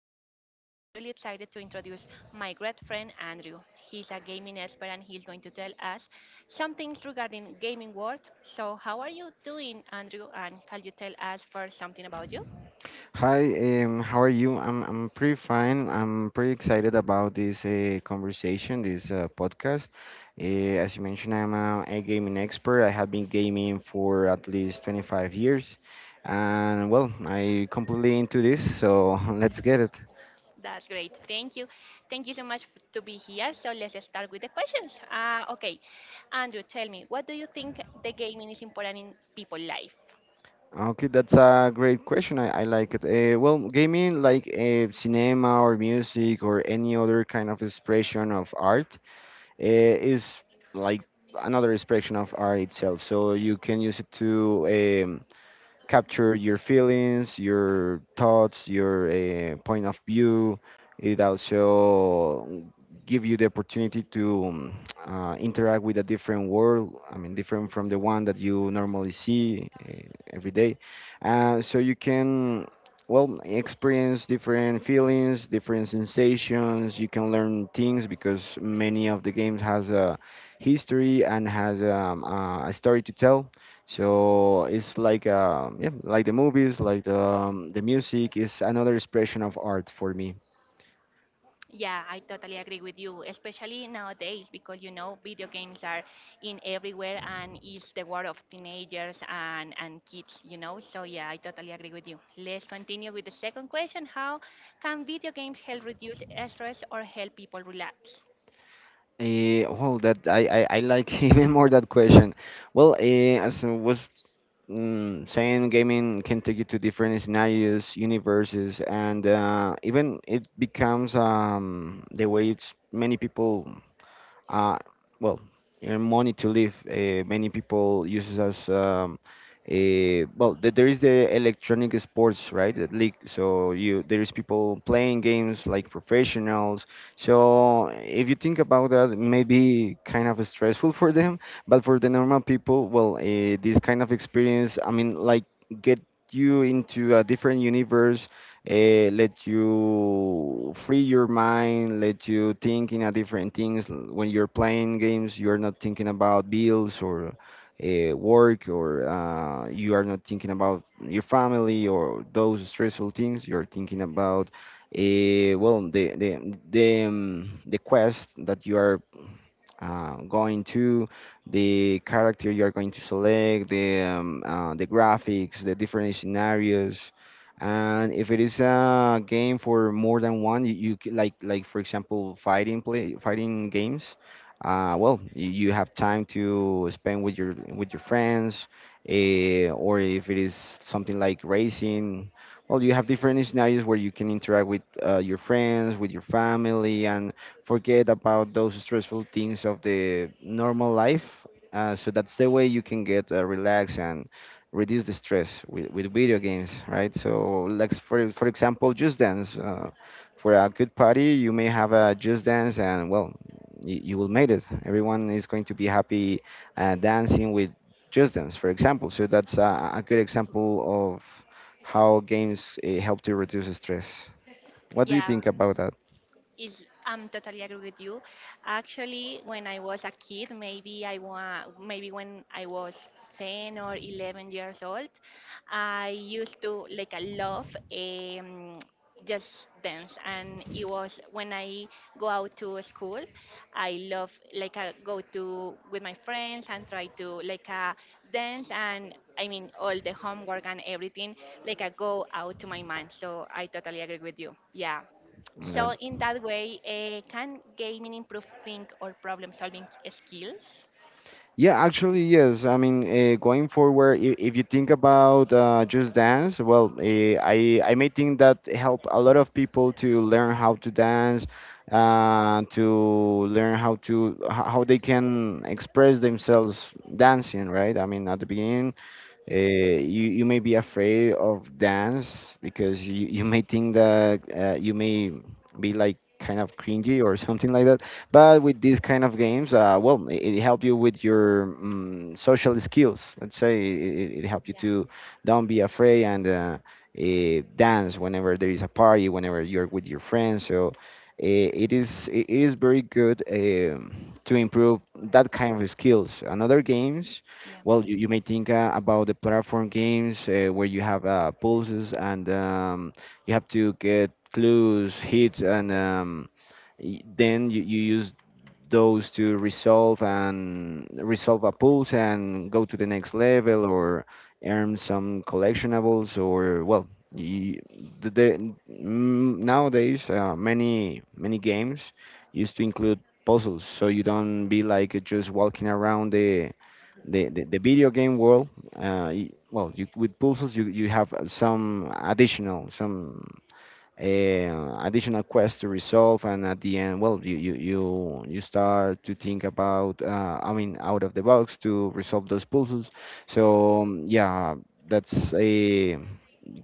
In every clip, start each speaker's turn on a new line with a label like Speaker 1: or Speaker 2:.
Speaker 1: podcast. I'm really excited to introduce my great friend Andrew. He's a gaming expert and he's going to tell us some things regarding gaming world. So how are you doing, Andrew? And can you tell us first something about you?
Speaker 2: Hi, how are you? I'm pretty fine. I'm pretty excited about this conversation, this podcast. As you mentioned, I'm a gaming expert. I have been gaming for at least 25 years, and well, I completely into this. So let's get it.
Speaker 1: That's great. Thank you. Thank you so much to be here. So let's start with the questions. Okay, Andrew, tell me, what do you think the gaming is important in people's life?
Speaker 2: Okay, that's a great question. I like it. Well, gaming, like cinema or music or any other kind of expression of art, is like another expression of art itself. So you can use it to um, capture your feelings, your thoughts, your point of view. It also give you the opportunity to interact with a different world. I mean, different from the one that you normally see every day. So you can, well, experience different feelings, different sensations. You can learn things because many of the games has a history and has a story to tell so it's like yeah, like the movies, like the music is another expression of art for me.
Speaker 1: Yeah, I totally agree with you, especially nowadays because video games are in everywhere and it's the world of teenagers and kids. So yeah, I totally agree with you. Let's continue with the second question. How can video games help reduce stress or help people relax?
Speaker 2: Well, that I like even more that question. Well, as I was saying, gaming can take you to different scenarios, universes, and even it becomes the way it's many people uh, well, and money to live. Many people uses as a, well, there is the electronic sports, right? That league. So you there is people playing games like professionals. So if you think about that, it may be kind of stressful for them, but for the normal people, well, this kind of experience, I mean, like get you into a different universe let you free your mind, let you think in a different things. When you're playing games, you're not thinking about bills or work, or you are not thinking about your family or those stressful things. You're thinking about, well, the quest that you are going to the character you're going to select, the graphics, the different scenarios, and if it is a game for more than one, you like for example fighting play fighting games. Well, you have time to spend with your friends, or if it is something like racing. Well, you have different scenarios where you can interact with your friends, with your family, and forget about those stressful things of the normal life. So that's the way you can get relaxed and reduce the stress with video games, right? So, like for example, Just Dance. For a good party, you may have a Just Dance, and well, you will make it. Everyone is going to be happy dancing with Just Dance, for example. So that's a good example of how games help to reduce stress. What do you
Speaker 1: Yeah,
Speaker 2: think about that?
Speaker 1: Is I'm totally agree with you. Actually, when I was a kid, maybe maybe when I was 10 or 11 years old, I used to I love just dance, and it was when I go out to school, I love I go to with my friends and try to like dance and. I mean, all the homework and everything, like I go out to my mind. So I totally agree with you. Yeah.
Speaker 2: Ned?
Speaker 1: So in that way, can gaming improve think or problem solving skills?
Speaker 2: Yeah, actually, yes. I mean, going forward, if you think about Just Dance, well, I may think that help a lot of people to learn how to dance, to learn how to how they can express themselves dancing, right? I mean, at the beginning, you may be afraid of dance because you may think that you may be like kind of cringy or something like that. But with these kind of games, well, it help you with your social skills. Let's say it helped you
Speaker 1: Yeah,
Speaker 2: to don't be afraid and dance whenever there is a party, whenever you're with your
Speaker 1: yeah,
Speaker 2: friends. So it is very good to improve that kind of skills. Another games
Speaker 1: Yeah,
Speaker 2: well, you may think about the platform games where you have pulses and you have to get clues, hits, and then you use those to resolve and resolve a pulse and go to the next level or earn some collectionables or well, you, nowadays many games used to include puzzles so you don't be like just walking around the video game world, well, you, with pulses, you have some additional quests to resolve, and at the end, well, you start to think about, I mean, out of the box to resolve those puzzles. So yeah, that's a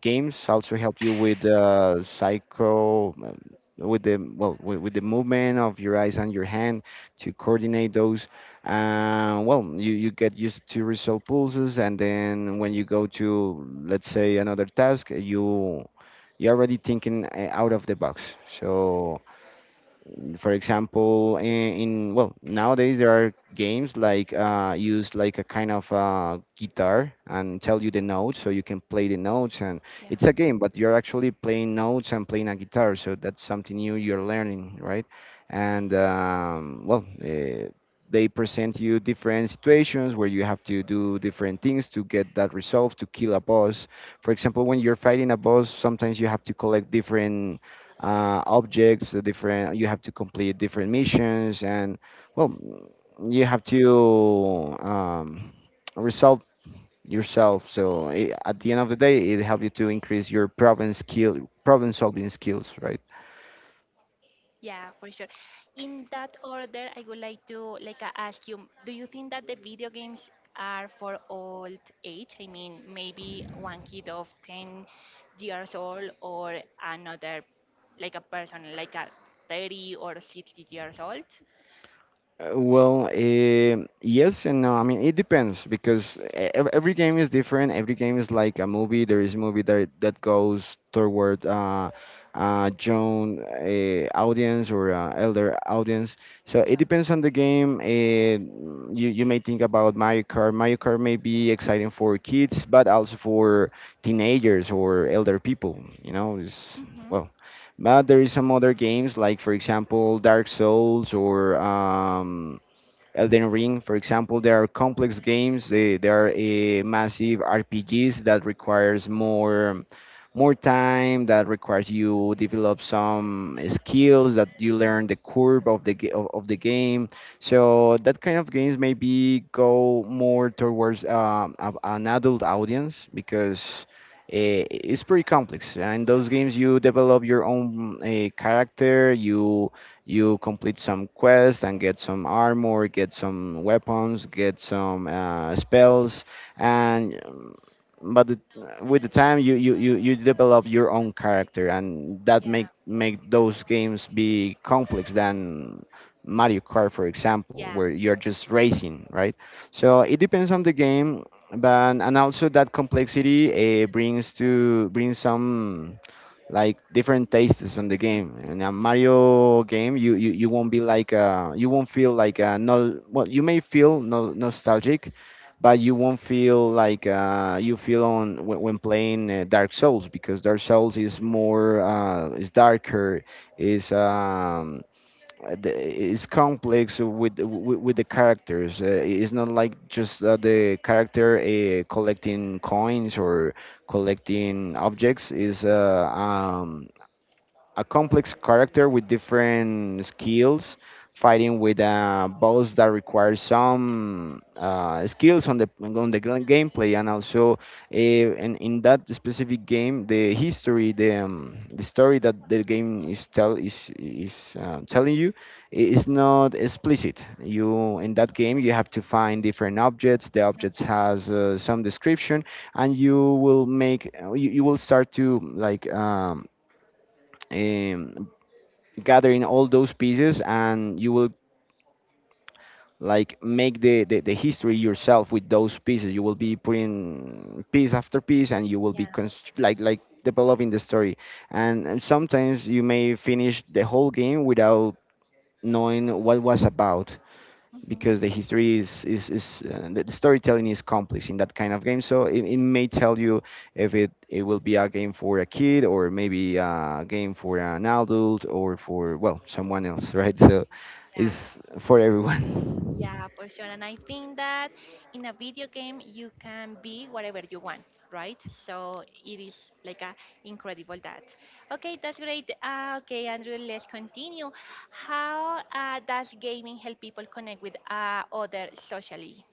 Speaker 2: games also help you with psycho with the well with the movement of your eyes and your hand to coordinate those well you get used to resolve pulses and then when you go to let's say another task you're already thinking out of the box so for example in well nowadays there are games like use like a kind of guitar and tell you the notes so you can play the notes and
Speaker 1: yeah,
Speaker 2: it's a game but you're actually playing notes and playing a guitar so that's something new you're learning right and well they present you different situations where you have to do different things to get that resolve to kill a boss for example when you're fighting a boss sometimes you have to collect different objects, different. You have to complete different missions, and well, you have to resolve yourself. So I at the end of the day, it helps you to increase your problem skill, problem solving skills, right?
Speaker 1: yeah, for sure. In that order, I would like to like ask you, do you think that the video games are for old age? I mean, maybe one kid of 10 years old or another like a person like a 30 or 60 years old?
Speaker 2: Well, yes and no. I mean, it depends because ev every game is different. Every game is like a movie. There is a movie that goes toward young audience or elder audience. So it
Speaker 1: Yeah.
Speaker 2: depends on the game. You you may think about Mario Kart. Mario Kart may be exciting for kids, but also for teenagers or elder people. You know, it's
Speaker 1: Mm-hmm.
Speaker 2: well. But there is some other games, like for example Dark Souls or Elden Ring, for example, there are complex games. There are massive RPGs that requires more time, that requires you develop some skills, that you learn
Speaker 1: Yeah,
Speaker 2: the curve of the of the game. So that kind of games maybe go more towards an adult audience because it's pretty complex. And
Speaker 1: Yeah,
Speaker 2: those games, you develop your own character. You complete some quests and get some armor, get some weapons, get some spells, and but the, with the time you develop your own character, and that
Speaker 1: yeah.
Speaker 2: make those games be complex than Mario Kart, for example,
Speaker 1: Yeah.
Speaker 2: where you're just racing, right? So it depends on the game, but and also that complexity brings to brings some like different tastes on the game. In a Mario game, you, you won't be like you won't feel like no well you may feel nostalgic, but you won't feel like you feel on when playing Dark Souls because Dark Souls is more is darker, is uh, the- it's complex with the characters. It's not like just the character collecting coins or collecting objects. Is a complex character with different skills, fighting with a boss that requires some skills on the gameplay, and also in that specific game, the history, the story that the game is tell is telling you is not explicit. You in that game you have to find different objects. The objects
Speaker 1: Okay.
Speaker 2: has some description, and you will make you will start to like um, gathering all those pieces and you will like make the history yourself with those pieces you will be putting piece after piece and you will be like developing the story and sometimes you may finish the whole game without knowing what was about because the
Speaker 1: Yeah.
Speaker 2: history is the storytelling is complex in that kind of game so it may tell you if it will be a game for a kid or maybe a game for an adult or for well someone else right so
Speaker 1: Yeah,
Speaker 2: it's for everyone
Speaker 1: yeah, for sure. And I think that in a video game you can be whatever you want, right? So it is like a incredible that. Okay, that's great. Okay, Andrew, let's continue. How does gaming help people connect with other socially?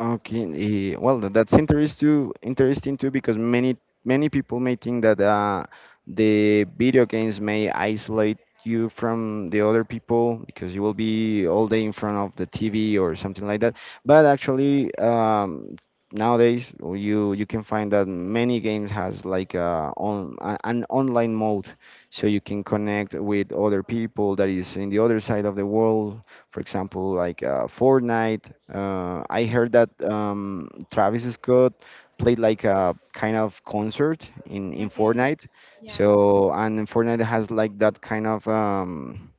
Speaker 2: Okay, well, that's interesting too because many people may think that the video games may isolate you from the other people because you will be all day in front of the TV or something like that. But actually, nowadays you can find that many games has like an online mode, so you can connect with other people that is in the other side of the world for example, like Fortnite. I heard that Travis Scott played like a kind of concert in
Speaker 1: Okay.
Speaker 2: Fortnite.
Speaker 1: Yeah.
Speaker 2: So and Fortnite has like that kind of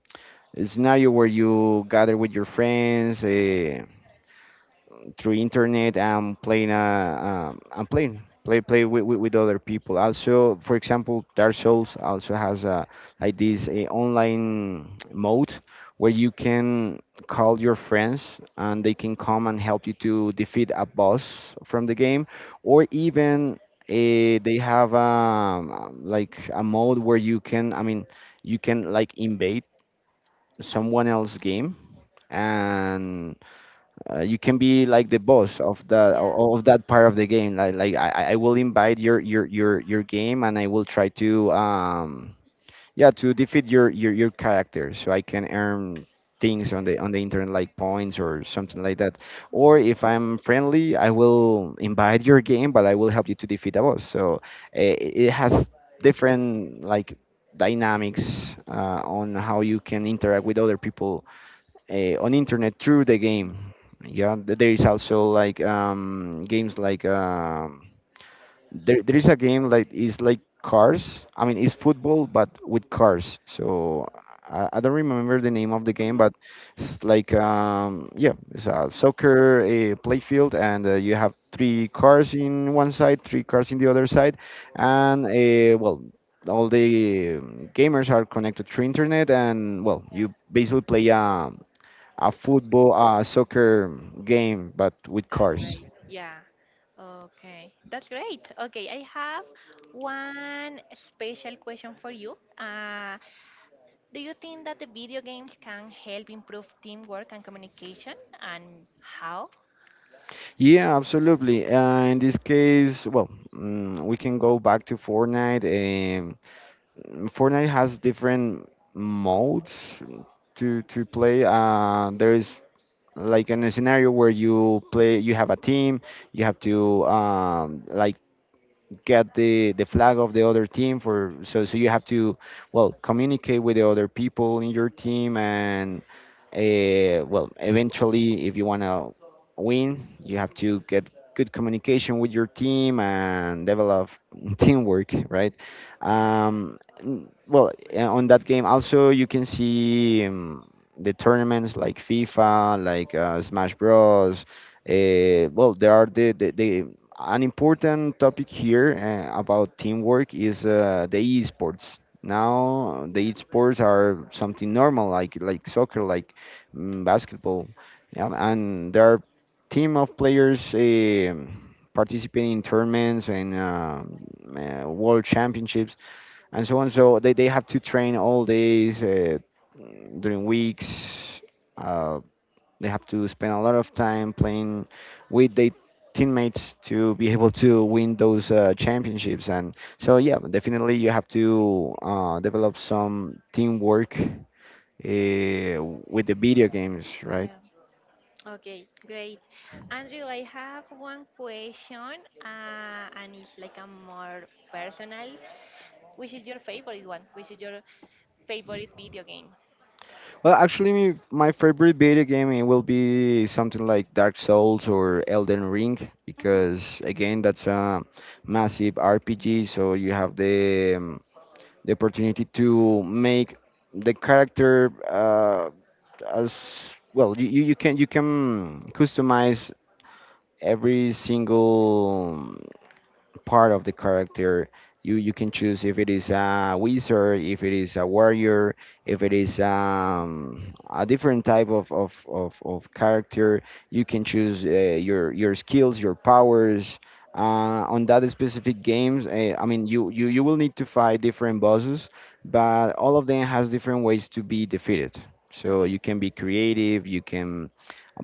Speaker 2: scenario where you gather with your friends. Through internet and playing play play with, with other people. Also, for example, Dark Souls also has a like this a online mode where you can call your friends and they can come and help you to defeat a boss from the game. Or even they have, like, a mode where you can you can like invade someone else's game, and you can be like the boss of that
Speaker 1: Yeah.
Speaker 2: of that part of the game. Like I will invite your game, and I will try to yeah, to defeat your character, so I can earn things on the internet, like points or something like that. Or if I'm friendly, I will invite your game, but I will help you to defeat a boss. So it has different, like, dynamics on how you can interact with other people on internet through the game. Yeah, there is also like, games like, there is a game like it's like cars. I mean, it's football but with cars. So I don't remember the name of the
Speaker 1: Hmm.
Speaker 2: game, but it's like, yeah, it's a soccer a play field, and you have three cars in one side, three cars in the other side, and well. All the gamers are connected through internet, and, well, you basically play a football, a soccer game, but with
Speaker 1: That's
Speaker 2: cars.
Speaker 1: great. Yeah. Okay. That's great. Okay, I have one special question for you. Do you think that the video games can help improve teamwork and communication, and how?
Speaker 2: Yeah, absolutely. In this case, well, we can go back to Fortnite. Fortnite has different modes to play. There is like in a scenario where you play, you have a team, you have to, like, get the flag of the other team, for so you have to, well, communicate with the other people in your team, and well, eventually, if you want to win, you have to get good communication with your team and develop teamwork, right?
Speaker 1: Yeah,
Speaker 2: Well, on that game, also you can see the tournaments like FIFA, like, Smash Bros. Well, there are the an important topic here about teamwork is, the esports. Now
Speaker 1: yeah,
Speaker 2: the esports are something normal, like soccer, like, basketball. Yeah, and there are team of players participating in tournaments and, world championships and so on. So they have to train all days during weeks. Uh, they have to spend a lot of time playing with their teammates to be able to win those championships. And so, yeah, definitely you have to develop some teamwork with the video games, right?
Speaker 1: yeah. Okay, great. Andrew, I have one question, and it's like a more personal. Which is your favorite one? Which is your favorite video game?
Speaker 2: Well, actually, my favorite video game, it will be something like Dark Souls or Elden Ring,
Speaker 1: Hmm.
Speaker 2: because again, that's a massive RPG, so you have the, the opportunity to make the character, as well. You can customize every single part of the character. You can choose if it is a wizard, if it is a warrior, if it is, a different type of character. You can choose your skills, your powers. On that specific games, I mean, you will need to fight different bosses, but all of them has different ways to be defeated. So
Speaker 1: Okay,
Speaker 2: you can be creative, you can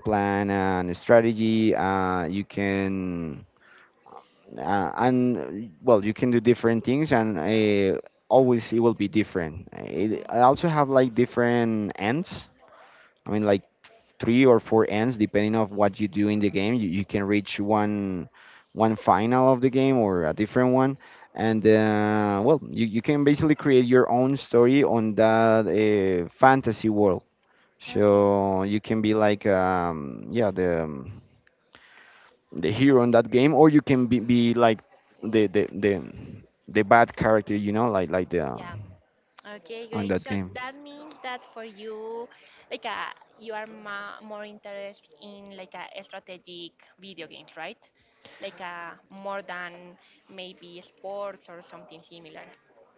Speaker 2: plan a strategy. You can and well, you can do different things. And
Speaker 1: yeah.
Speaker 2: always it will be different. I
Speaker 1: Hmm.
Speaker 2: also have like different ends. i mean like Three or four ends depending of what you do in the game. You can reach one final of the game or a different one. And well, you can basically create your own story on that fantasy world.
Speaker 1: Okay. Okay.
Speaker 2: So you can be like, yeah, the hero in that game, or you can be like the the bad character, you know, like the
Speaker 1: Yeah. Okay,
Speaker 2: on
Speaker 1: great.
Speaker 2: that
Speaker 1: So
Speaker 2: game.
Speaker 1: that means that for you, like you are ma more interested in like a strategic video games, right? Like more than maybe sports or something similar.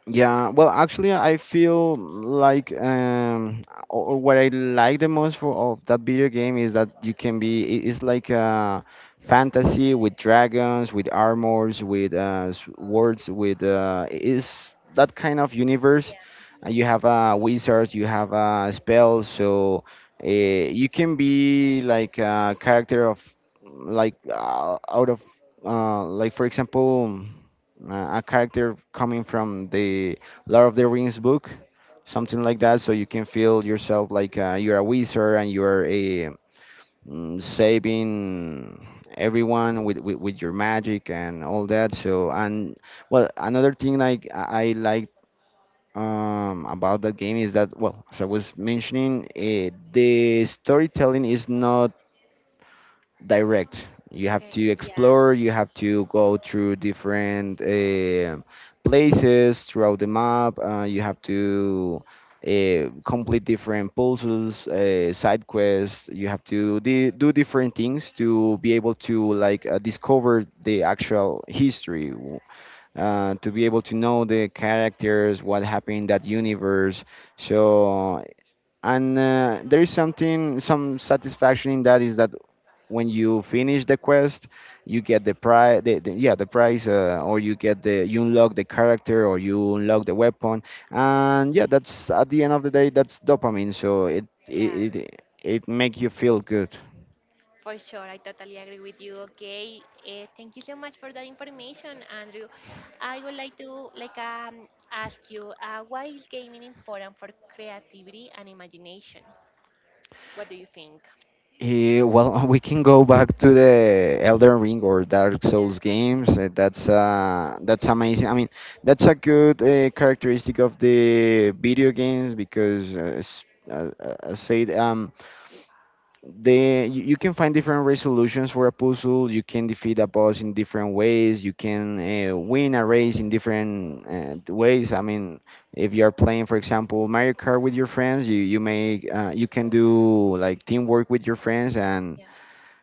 Speaker 2: Yeah, well, actually, I feel like, or what I like the most for of that video game is that you can be it's like a fantasy with dragons, with armors, with swords, with is that kind of universe. You have wizards, you have spells, so you can be like a character of like, out of like for example a character coming from the Lord of the Rings book, something like that, so you can feel yourself like, you're a wizard and you're a saving everyone with, with your magic and all that. So and, well, another thing like I like about that game is that, well, as I was mentioning, the storytelling is not direct. You have
Speaker 1: Okay.
Speaker 2: to
Speaker 1: Yeah,
Speaker 2: explore, you have to go through different places throughout the map. You have to complete different puzzles, side quests. You have to do different things to be able to like, discover the actual history, to be able to know the characters, what happened in that universe. So and there is something, some satisfaction in that, is that when you finish the quest, you get the prize, yeah, the prize, or you get the, you unlock the character, or you unlock the weapon, and, yeah, that's at the end of the day, that's dopamine. So
Speaker 1: yeah,
Speaker 2: it make you feel good.
Speaker 1: for sure. I totally agree with you. Okay. Thank you so much for that information, Andrew. I would like to like ask you, why is gaming important for creativity and imagination? What do you think?
Speaker 2: Well, we can go back to the Elden Ring or Dark
Speaker 1: Yeah,
Speaker 2: Souls games. That's, that's amazing. I mean, that's a good characteristic of the video games, because uh, uh, said, the you can find different resolutions for a puzzle. You can defeat a boss in different ways. You can win a race in different ways. I mean, if you are playing, for example, Mario Kart with your friends, you may you can do like teamwork with your friends and
Speaker 1: yeah,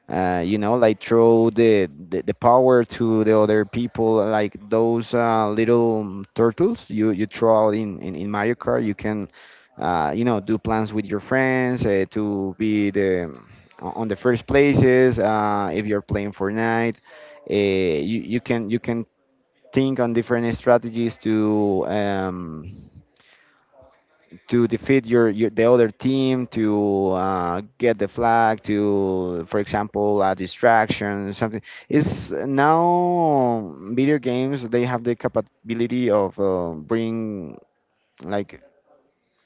Speaker 2: you know, like throw the power to the other people, like those little turtles you throw out in Mario Kart. You can, you know, do plans with your friends to be the, on the first places. If you're playing Fortnite, you can think on different strategies to, to defeat your the other team, to, get the flag to, for example, a distraction, something. Is now video games, they have the capability of bring like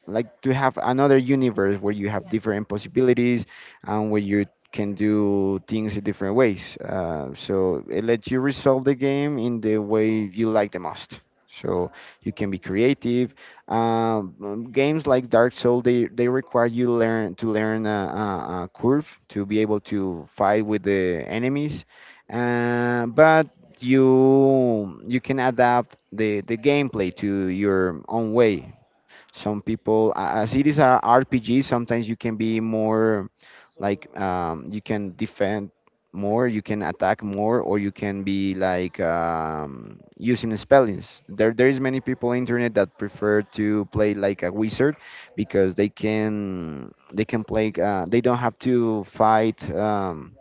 Speaker 2: like to have another universe where you have
Speaker 1: yeah.
Speaker 2: different possibilities and where you can do things in different ways. So it lets you resolve the game in the way you like the most. So you can be creative. Games like Dark Souls, they require you learn to learn a curve to be able to fight with the enemies. But you can adapt the gameplay to your own way. Some people, as it is a RPG, sometimes you can be more like, you can defend more, you can attack more, or you can be like, using spellings. There is many people on internet that prefer to play like a wizard, because they can play. They don't have to fight.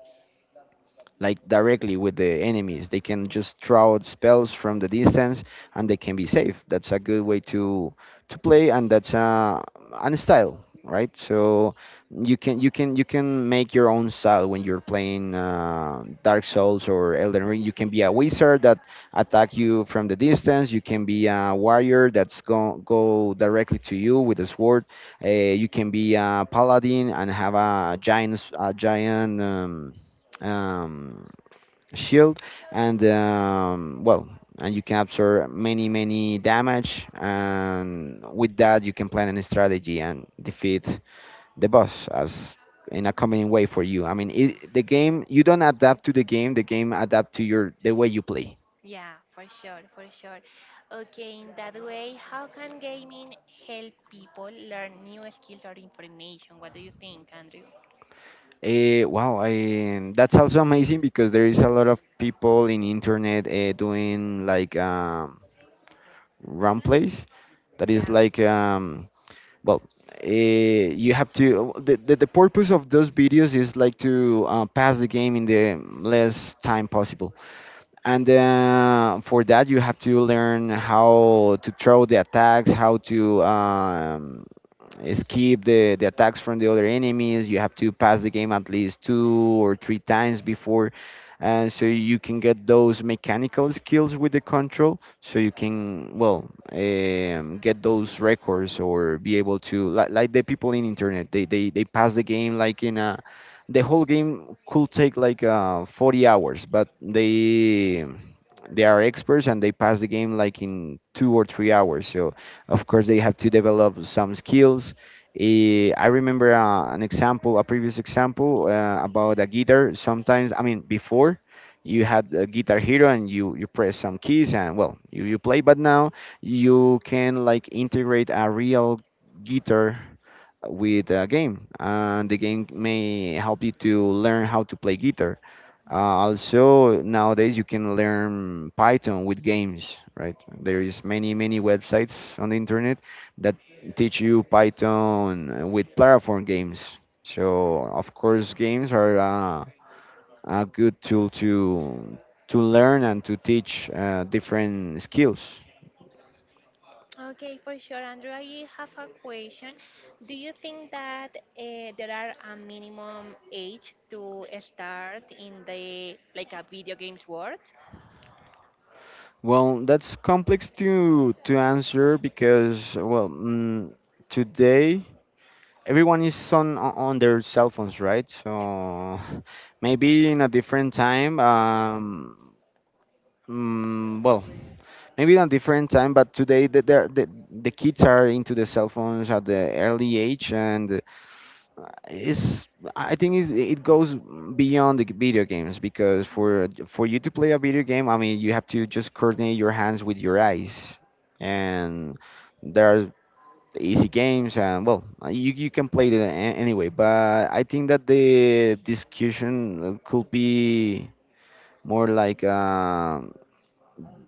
Speaker 2: Like directly with the enemies. They can just throw out spells from the distance, and they can be safe. That's a good way to play, and that's an style, right? So you can you can make your own style when you're playing Dark Souls or Elden Ring. You can be a wizard that attack you from the distance. You can be a warrior that's go directly to you with a sword. Uh, you can be a paladin and have a giant a giant, um, shield, and well, and you capture many many damage, and with that you can plan a strategy and defeat the boss as in a convenient way for you. The game, you don't adapt to the game, the game adapt to your
Speaker 1: Do
Speaker 2: the
Speaker 1: you?
Speaker 2: way you play.
Speaker 1: Yeah, for sure, for sure. Okay, in that way, how can gaming help people learn new skills or information? What do you think, Andrew?
Speaker 2: Wow, that's also amazing, because there is a lot of people in internet doing like, run plays, that is
Speaker 1: Yeah.
Speaker 2: like, well, you have to the purpose of those videos is like to pass the game in the less time possible. And for that you have to learn how to throw the attacks, how to escape the attacks from the other enemies. You have to pass the game at least two or three times before, so you can get those mechanical skills with the control. So you can get those records or be able to like the people in internet. They pass the game like in a the whole game could take like 40 hours, but they are experts and they pass the game like in 2 or 3 hours. So of course, they have to develop some skills. I remember an example, a previous example about a guitar. Sometimes, I mean, before you had a Guitar Hero and you press some keys and well, you play. But now you can like integrate a real guitar with a game, and the game may help you to learn how to play guitar.
Speaker 1: Yeah.
Speaker 2: Also, nowadays you can learn Python with games, right? There is many many websites on the internet that teach you Python with platform games. So of course, games are a good tool to learn and to teach different skills.
Speaker 1: Okay, for sure, Andrew. I have a question. Do you think that there are a minimum age to start in the like a video games world?
Speaker 2: Well, that's complex to answer because today everyone is on on their cell phones, right?
Speaker 1: Yeah.
Speaker 2: So maybe in a different time. Mm, well, Maybe in a different time, but today the the kids are into the cell phones at the early age, and it's I think it's, it goes beyond the video games because
Speaker 1: Hmm.
Speaker 2: for you to play a video game, I mean, you have to just coordinate your hands with your eyes, and there are the easy games and you, you can play it anyway. But I think that the discussion could be more like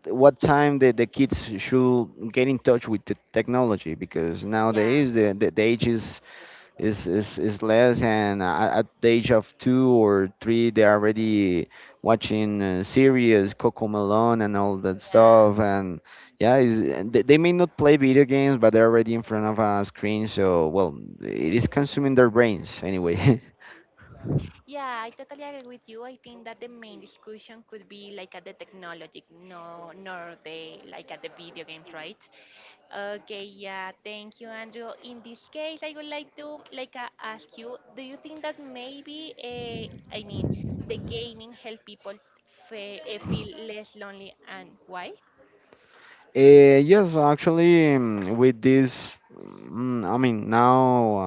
Speaker 2: what time the kids should get in touch with the technology because
Speaker 1: Yeah,
Speaker 2: nowadays the age is is less and at the age of two or three they're already watching series Coco Melon and all that
Speaker 1: yeah.
Speaker 2: stuff, and yeah is, they may not play video games but they're already in front of a screen, so well it is consuming their brains anyway
Speaker 1: Yeah, I totally agree with you. I think that the main discussion could be like at the technology, no, nor the like at the video games, right? Okay, yeah, thank you, Andrew. In this case, I would like to like ask you, do you think that maybe, I mean, the gaming help people feel less lonely and why?
Speaker 2: Yes, actually, with this, I mean, now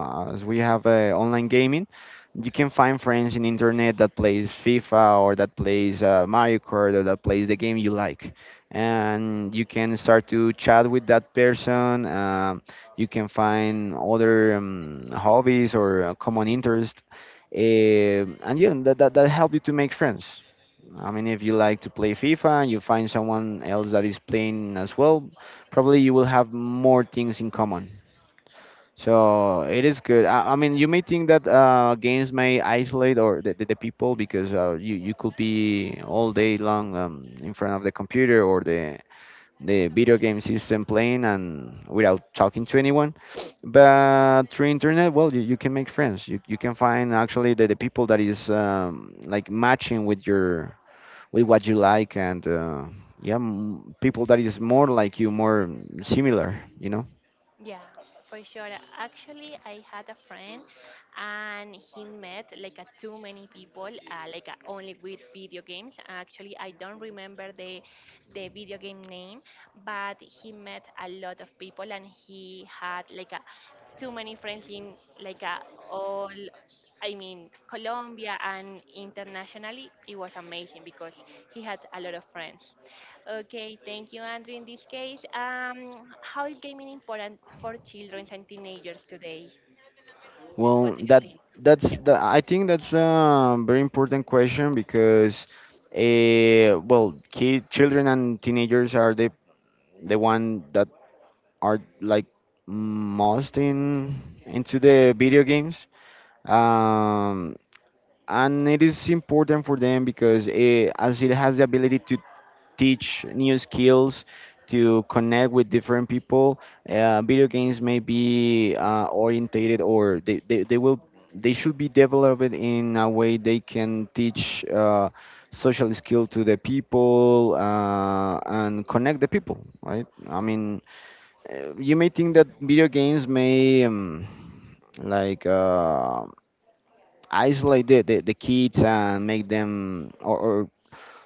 Speaker 2: as we have online gaming, you can find friends in internet that plays FIFA or that plays Mario Kart or that plays the game you like, and you can start to chat with that person. You can find other hobbies or common interest, and yeah, that help you to make friends. I mean, if you like to play FIFA and you find someone else that is playing as well, probably you will have more things in common. So it is good. I mean, you may think that games may isolate or the people because you could be all day long in front of the computer or the video game system playing and without talking to anyone. But through internet, well, you can make friends. You can find actually the people that is like matching with your with what you like and yeah people that is more like you, more similar, you know.
Speaker 1: Yeah, for sure. Actually, I had a friend and he met like a too many people, like a, only with video games. Actually, I don't remember the video game name, but he met a lot of people and he had like a too many friends in like a all I mean Colombia and internationally. It was amazing because he had a lot of friends. Okay, thank you, Andrew. In this case, how is gaming important for children and teenagers today?
Speaker 2: Well
Speaker 1: What do you
Speaker 2: that
Speaker 1: think?
Speaker 2: that's the I think that's a very important question because children and teenagers are the one that are like most in into the video games um and it is important for them because as it has the ability to teach new skills, to connect with different people. Video games may be orientated, or they will they should be developed in a way they can teach social skill to the people, and connect the people, right? I mean, you may think that video games may like uh, isolate the kids and make them or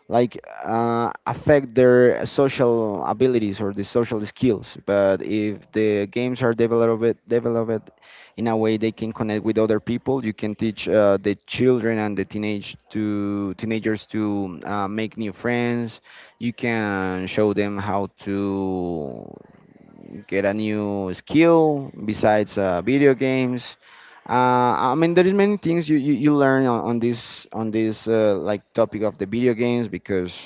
Speaker 2: affect their social abilities or the social skills. But if the games are developed in a way they can connect with other people, you can teach the children and the teenagers to make new friends. You can show them how to get a new skill besides video games. I mean, there is many things you learn on this like topic of the video games because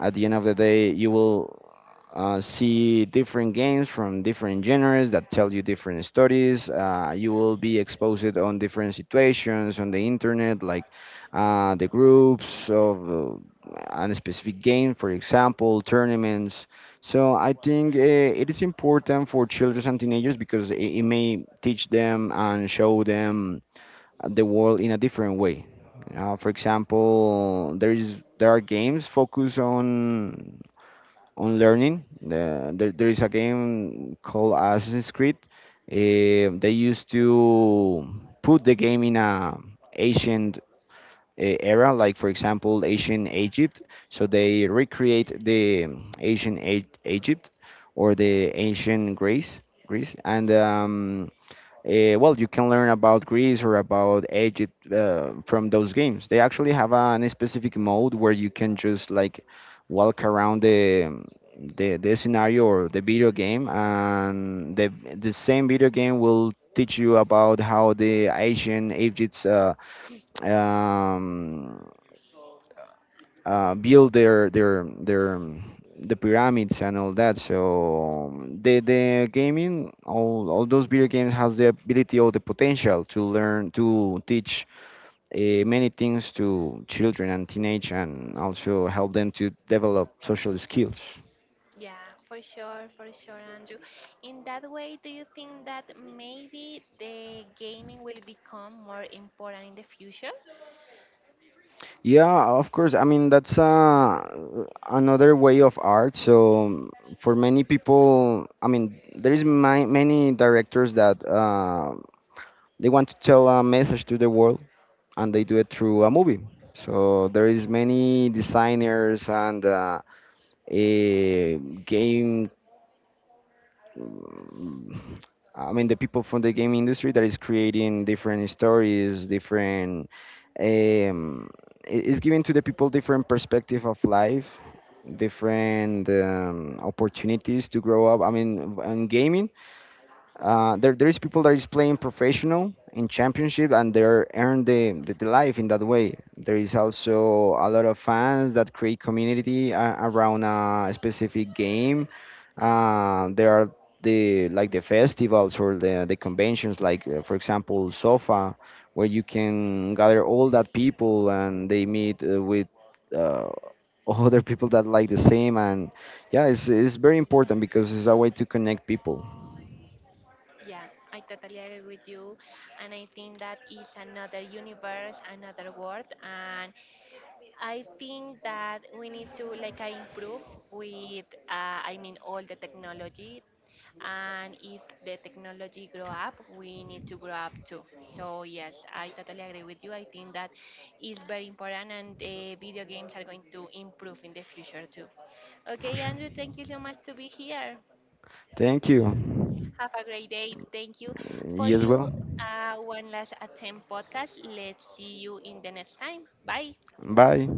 Speaker 2: at the end of the day, you will see different games from different genres that tell you different stories. You will be exposed on different situations on the internet, like the groups of a specific game, for example, tournaments. So I think it is important for children and teenagers because it may teach them and show them the world in a different way. For example, there is there are games focused on learning. There is a game called Assassin's Creed. They used to put the game in a ancient era, like for example, ancient Egypt. So they recreate the ancient Egypt or the ancient Greece, Greece, and well, you can learn about Greece or about Egypt from those games. They actually have an specific mode where you can just like walk around the the scenario or the video game, and the same video game will teach you about how the Asian Egypt's um, build the pyramids and all that. So the gaming, all those video games has the ability or the potential to learn to teach many things to children and teenage, and also help them to develop social skills.
Speaker 1: Yeah, for sure, Andrew. In that way, do you think that maybe the gaming will become more important in the future?
Speaker 2: Yeah, of course. I mean, that's another way of art. So for many people, I mean, there is many directors that they want to tell a message to the world and they do it through a movie. So there is many designers and a game. mm, I mean, the people from the game industry that is creating different stories, different. Um, it's giving to the people different perspective of life, different opportunities to grow up. I mean, in gaming, there is people that is playing professional in championship and they're earn the life in that way. There is also a lot of fans that create community around a specific game. There are the like the festivals or the conventions, like for example SOFA, where you can gather all that people and they meet with uh, other people that like the same. And yeah, it's very important because it's a way to connect people
Speaker 1: Yeah, I totally agree with you. And I think that is another universe, another world. And I think that we need to like improve with I mean all the technology, and if the technology grow up, we need to grow up too. So yes, I totally agree with you. I think that is very important and the video games are going to improve in the future too.
Speaker 2: for
Speaker 1: Okay,
Speaker 2: sure.
Speaker 1: Andrew, thank you so much to be here.
Speaker 2: Thank you.
Speaker 1: Have a great day, thank you for
Speaker 2: You as
Speaker 1: you.
Speaker 2: well.
Speaker 1: One Last Attempt podcast, let's see you in the next time. Bye.
Speaker 2: Bye.